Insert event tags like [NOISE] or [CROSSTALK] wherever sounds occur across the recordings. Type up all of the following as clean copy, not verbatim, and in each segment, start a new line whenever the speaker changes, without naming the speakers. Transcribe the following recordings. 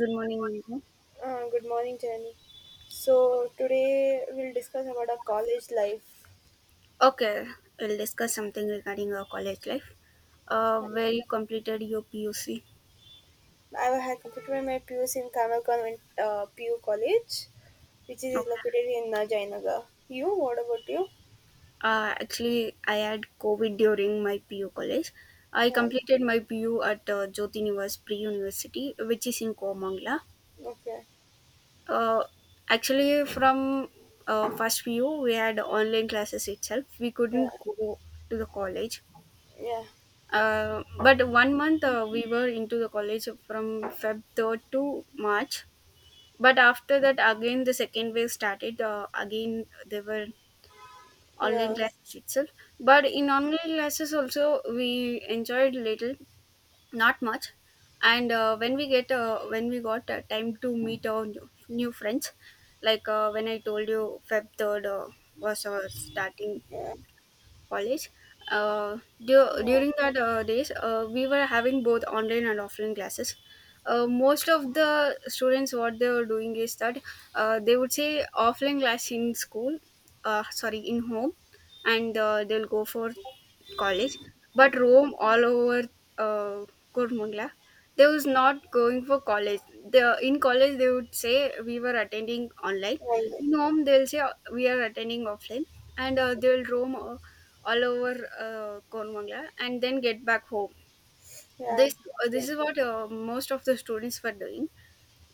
Good morning, Indra.
Good morning, Jenny. So today we'll discuss about our college life.
Okay, we'll discuss something regarding your college life.
And
Where you completed your PUC.
I had completed my PUC in Kamal Convent PU College, which is
Okay.
located in Jainagar. You? What about you?
Actually, I had COVID during my PU college. I
Yeah.
completed my PU at Jyoti Nivas Pre University, which is in Komangla.
Okay.
Uh, Actually, from first PU, we had online classes itself. We
Yeah.
couldn't go to the college.
Yeah.
But one month we were into the college from Feb 3rd to March. But after that, again the second wave started. Again, there were online
Yeah.
classes itself. But in online classes also, we enjoyed little, not much. And when we get when we got time to meet our new friends, like, when I told you, Feb 3rd was our starting
Yeah.
college. Uh,
Yeah.
During that days, we were having both online and offline classes. Most of the students, what they were doing is that they would say offline class in school, sorry, in home, and they'll go for college. But roam all over uh, Kurmangla, they was not going for college. The in college, they would say we were attending online.
All right.
In home, they'll say we are attending offline, and they'll roam all over Konwangla and then get back home.
Yeah.
This uh,
Okay.
this is what most of the students were doing,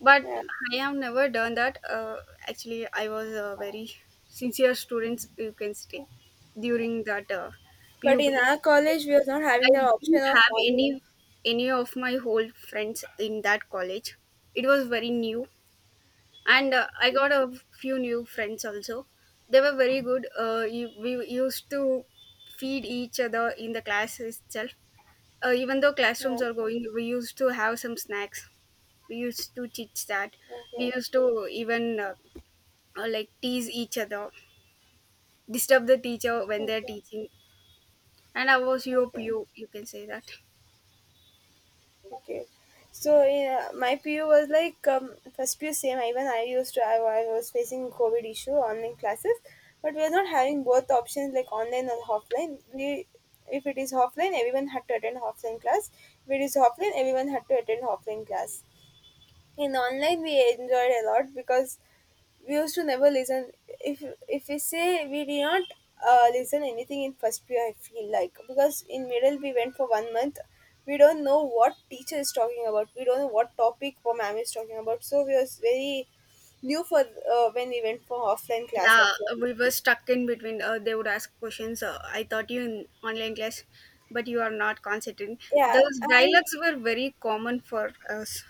but
Yeah.
I have never done that. Actually, I was a very sincere student, you can say, during that
But
PU
in
period.
our college, we was not having the
I
option
didn't
of
have
on.
any of my whole friends in that college. It was very new, and I got a few new friends also. They were very good. We used to feed each other in the class itself, even though
Yeah.
classrooms are going, we used to have some snacks. We used to chit chat.
Okay.
We used to even like tease each other, disturb the teacher when they're
Okay.
teaching. And I was
Okay.
you can say that.
Okay. So yeah, my PU was like first PU same. Even I used to I was facing COVID issue online classes, but we are not having both options like online or offline. We if it is offline, everyone had to attend offline class. If it is offline, everyone had to attend offline class. In online, we enjoyed a lot because we used to never listen. If if we say we did not listen anything in first year, I feel, like because in middle we went for 1 month. We don't know what teacher is talking about. We don't know what topic or ma'am is talking about, so we was very new for when we went for offline class, I
Yeah,
feel.
we were stuck in between. They would ask questions. I thought you in online class, but you are not concentrating.
Yeah,
Those
and
dialogues were very common for us.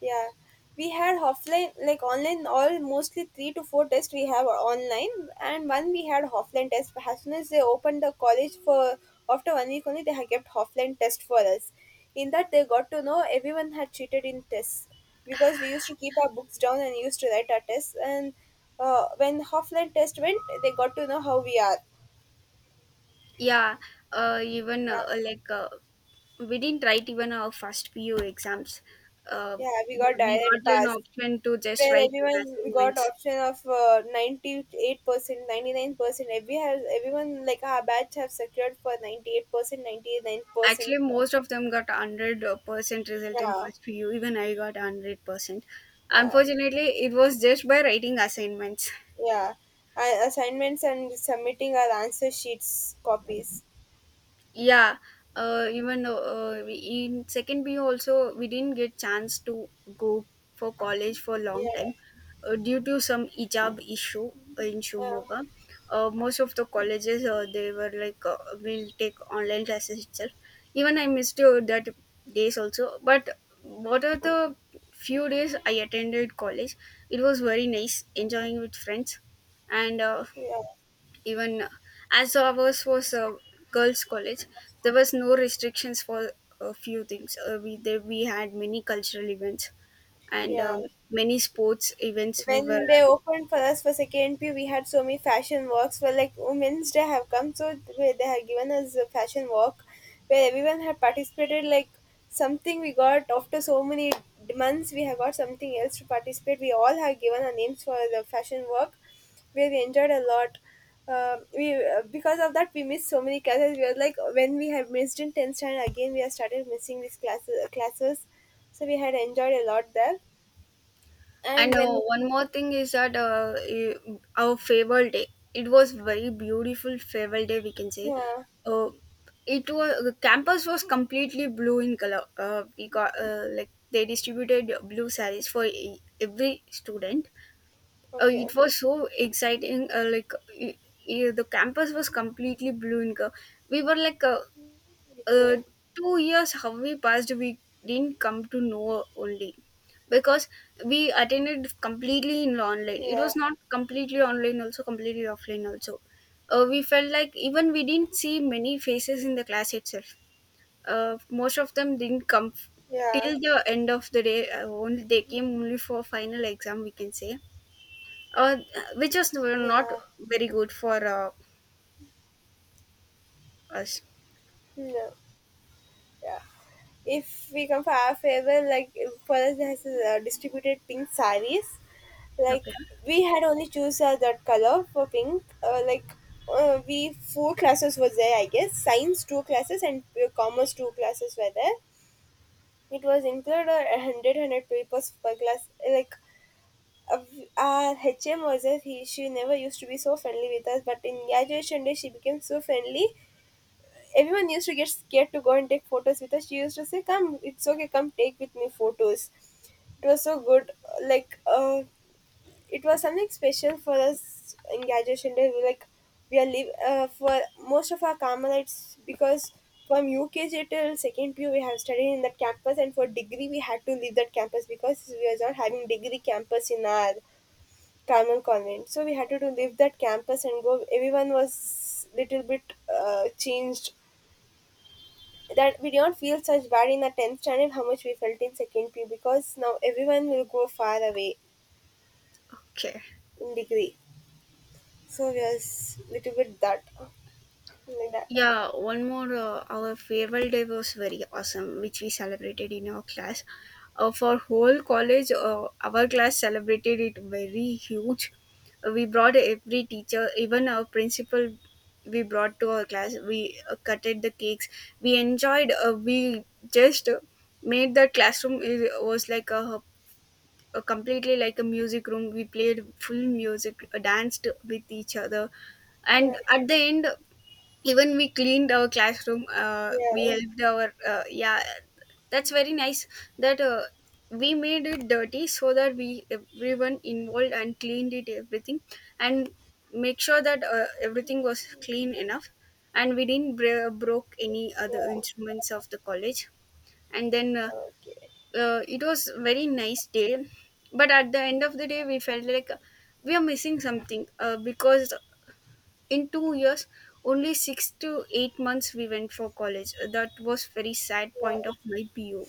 yeah, we had offline, like online, all mostly three to four tests we have are online, and one we had offline test. But as soon as they opened the college for after 1 week only, they had kept offline test for us. In that, they got to know everyone had cheated in tests because we used to keep our books down and used to write our tests. And when offline test went, they got to know how we are.
Yeah, even
Yeah,
like we didn't write even our first PU exams. Uh,
yeah, we got
we
direct
got an
pass,
option to just
where
write
everyone
on
got
assignments.
option of 98%, 99%. Every has everyone, like our batch have secured for 98%, 99%.
Actually, most of them got hundred percent result in
Yeah,
first PU. Even I got 100%.
yeah,
Unfortunately, it was just by writing assignments.
yeah, assignments and submitting our answer sheets copies.
Yeah, even in second B also, we didn't get chance to go for college for a long
Yeah,
time, due to some hijab issue in
yeah,
Shumoga. Most of the colleges they were like will take online classes itself. Even I missed that days also. But what are the few days I attended college? It was very nice enjoying with friends, and
yeah,
even as ours was a girls' college, there was no restrictions for a few things. We had many cultural events and
yeah,
many sports events. We were
when they
having.
opened for us for second P, we had so many fashion walks. Well, like Women's Day have come, so they have given us a fashion walk where everyone had participated. Like something we got after so many months, we have got something else to participate. We all have given our names for the fashion walk where we enjoyed a lot. We because of that we missed so many classes. We were like when we have missed in tenth standard, again, we have started missing these classes. So we had enjoyed a lot there. And
And
when,
one more thing is that our farewell day. It was very beautiful farewell day. We can say.
yeah.
Uh, it was the campus was completely blue in color. We got like They distributed blue sarees for every student.
Okay,
It was so exciting, like, y- the campus was completely blue in color. We were like, uh,
okay,
2 years, how we passed, we didn't come to know only, because we attended completely in online. It
yeah,
was not completely online also completely offline also. We felt like, even we didn't see many faces in the class itself. Most of them didn't come
yeah,
till the end of the day. Only they came only for final exam, we can say, uh, which was not
yeah,
very good for us.
no, yeah. If we come for our favor, like for us has distributed pink saris, like
Okay.
we had only choose that color for pink. Like we four classes was there, I guess. Science two classes and commerce two classes were there. It was included a hundred papers per class. Like, uh, our HM was there, she never used to be so friendly with us, but in graduation day she became so friendly, everyone used to get scared to go and take photos with us. She used to say, "Come, it's okay. Come take with me photos." It was so good. Like, it was something special for us in graduation day. We like we are live for most of our Carmelites, because from UKG till second year we have studied in that campus, and for degree we had to leave that campus because we are not having degree campus in our Carmel convent. So we had to leave that campus and go. Everyone was little bit changed, that we don't feel such bad in the 10th standard how much we felt in second P U, because now everyone will go far away
Okay.
in degree, so we are little bit that, like that.
Yeah, one more. Our farewell day was very awesome, which we celebrated in our class. For whole college, our class celebrated it very huge. We brought every teacher, even our principal. We brought to our class. We cutted the cakes. We enjoyed. We just made the classroom. It was like a, completely like a music room. We played full music, danced with each other,
Yeah,
and at the end, even we cleaned our classroom. We
yeah,
helped our yeah. That's very nice that we made it dirty, so that we, everyone, involved and cleaned it everything, and make sure that everything was clean enough, and we didn't broke any other
yeah.
instruments of the college. And then
Okay,
it was very nice day, but at the end of the day we felt like, we are missing something, because in 2 years only 6 to 8 months we went for college. That was very sad point
yeah.
of my bu.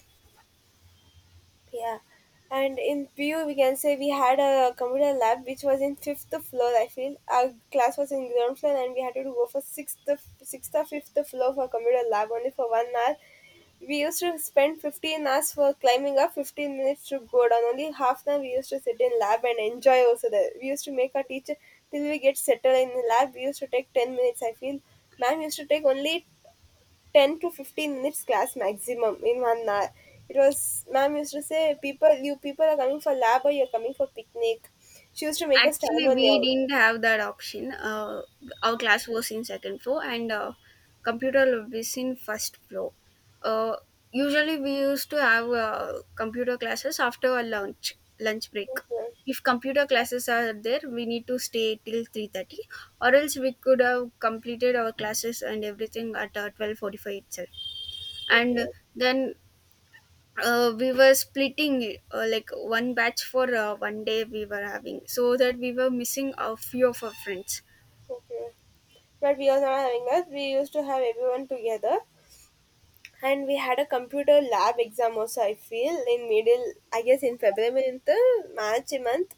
Yeah, and in PU we can say we had a computer lab which was in fifth floor. I feel our class was in ground floor, and we had to go for sixth or fifth floor for computer lab only for 1 hour. We used to spend 15 hours for climbing up, 15 minutes to go down. Only half an hour we used to sit in lab and enjoy also there. We used to make our teacher till we get settled in the lab. We used to take 10 minutes. I feel ma'am used to take only 10 to 15 minutes class maximum in 1 hour. It was, ma'am used to say, people, you people are coming for lab or you're coming for picnic. She used to make us stand on
Actually,
the
we
out.
didn't have that option. Our class was in second floor and computer lab is in first floor. Uh, Usually, we used to have computer classes after our lunch break.
Okay,
If computer classes are there, we need to stay till 3:30, or else we could have completed our classes and everything at 12:45 itself. And
okay,
then we were splitting, like one batch for one day we were having, so that we were missing a few of our friends.
okay. But we were not having that. We used to have everyone together. And we had a computer lab exam also, I feel, in middle, I guess in February, in the March month,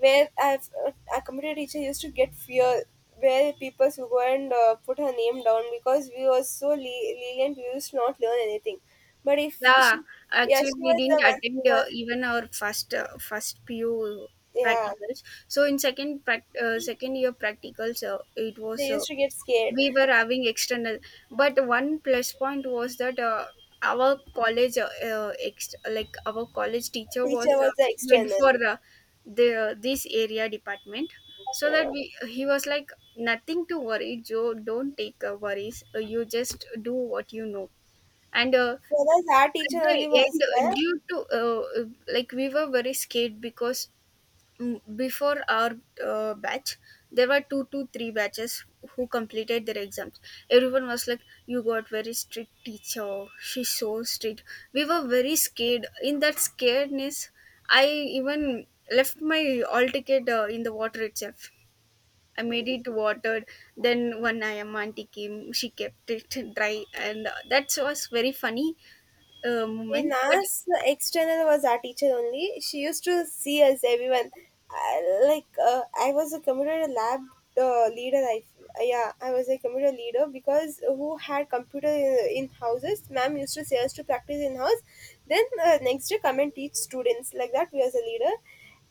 where I've a computer teacher used to get fear, where people used to go and put her name down because we were so lenient, we used to not learn anything. But if
Yeah,
she, yeah,
actually,
she
we
was the
didn't
one
attend
who was,
even our first pu
yeah,
practicals. So in second year practicals, it was,
they used to get scared.
we were having external. But one plus point was that our college, our college teacher
Teacher
was
was the
head
external.
for the this area department. So that
Yeah,
we he was like, nothing to worry, Joe, don't take worries, you just do what you know. And
for us, our
at
teacher
the
only was
end,
there.
due to like, we were very scared because before our batch there were two to three batches who completed their exams. Everyone was like, you got very strict teacher, she's so strict. We were very scared. In that scaredness, I even left my all ticket in the water itself. I made it watered. Then one I am auntie came, she kept it [LAUGHS] dry, and that was very funny
In
moment, but
us, the external was our teacher only. She used to see us, everyone. Like, I was a computer lab leader. I, yeah, I was a computer leader because who had computer in houses. Ma'am used to say us to practice in house. Then next day, come and teach students. Like that, we as a leader.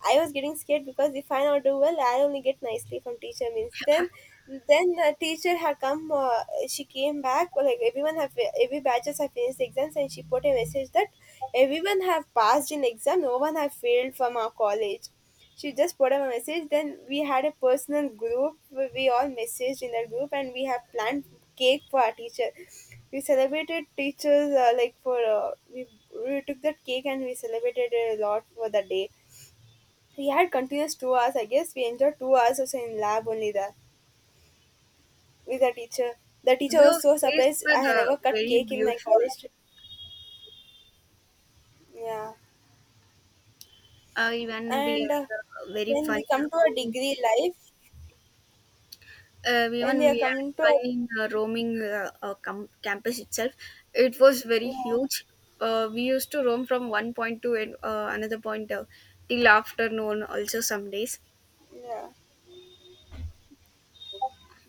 I was getting scared because if I not do well, I only get nicely from teacher means. Then the teacher had come. She came back. Like everyone have every batches have finished the exams, and she put a message that everyone have passed in exam. No one have failed from our college. She just put up a message. Then we had a personal group, where we all messaged in that group, and we have planned cake for our teacher. We celebrated teachers like for we took that cake and we celebrated a lot for the day. We had continuous 2 hours. I guess we enjoyed 2 hours or so in lab only there with the teacher. The teacher was
those
so
days
surprised.
were
I had never cut
very
cake in my
beautiful.
college trip. Yeah,
Even we
and
had a very
when
fun.
we come to our degree life, when we
Even
are
we had
coming
fun
to,
in roaming campus itself. It was very
yeah,
huge. We used to roam from one point to another point till afternoon. Also, some days.
yeah,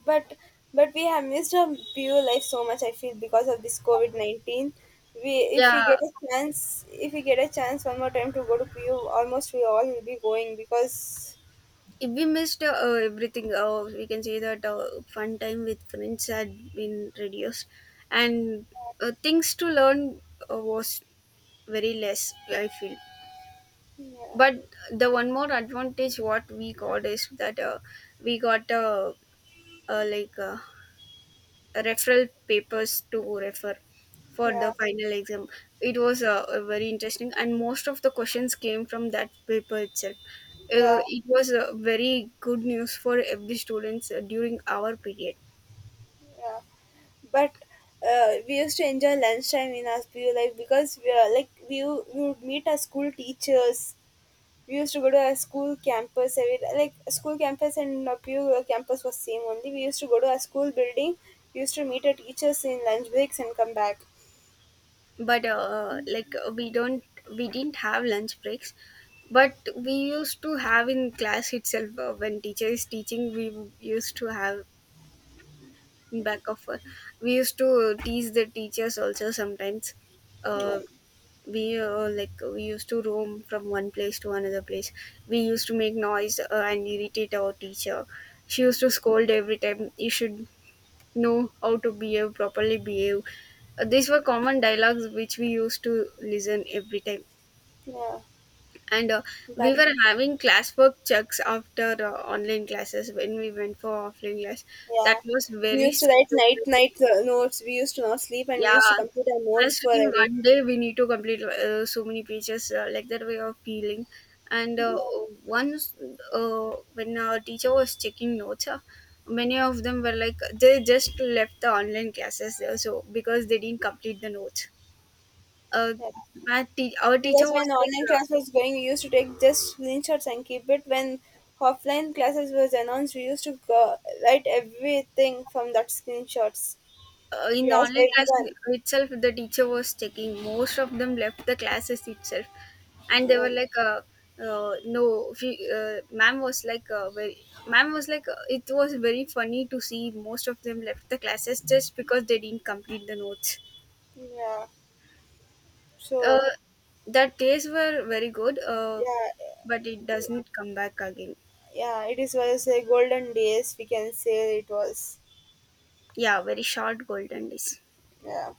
but but we have missed our pure life so much. I feel because of this COVID-19. We if we
Yeah,
get a chance, if we get a chance one more time to go to PU, almost we all will be going, because
if we missed everything. We can say that fun time with friends had been reduced, and things to learn was very less, I feel.
yeah,
But the one more advantage what we got is that we got like referral papers to refer for
yeah,
the final exam. It was very interesting, and most of the questions came from that paper itself.
yeah.
It was very good news for every students during our period.
Yeah, but we used to enjoy lunchtime in our school life because we are like we would meet our school teachers. We used to go to our school campus, every like school campus and our PU campus was same only. We used to go to our school building. We used to meet our teachers in lunch breaks and come back.
But like, we didn't have lunch breaks, but we used to have in class itself, when teacher is teaching, we used to have back of her. We used to tease the teachers also sometimes.
Yeah,
Uh, we used to roam from one place to another place. We used to make noise and irritate our teacher. She used to scold every time. You should know how to behave properly. Behave. These were common dialogues which we used to listen every time.
yeah,
And
but
we were having classwork checks after online classes when we went for offline class.
yeah.
That was
We
very
used to write
scary.
night night notes. We used to not sleep and we used to
Yeah,
complete our notes
just
for
in
the day.
one day we need to complete so many pages, like that way of feeling. And
Yeah,
once, when our teacher was checking notes, many of them were like they just left the online classes, so because they didn't complete the notes. Uh,
yeah.
our teacher
Because
was
when
like,
online class was going, we used to take just screenshots and keep it. When offline classes was announced, we used to go, write everything from that screenshots.
in
We
the
asked
online class
everyone.
itself, the teacher was checking, most of them left the classes itself, and they
Yeah,
were like, no, ma'am was like, very, ma'am was like, it was very funny to see most of them left the classes just because they didn't complete the notes.
yeah. So
uh, that days were very good,
yeah,
but it doesn't come back again.
yeah. It is was a golden days. We can say it was.
Yeah, very short golden days.
Yeah.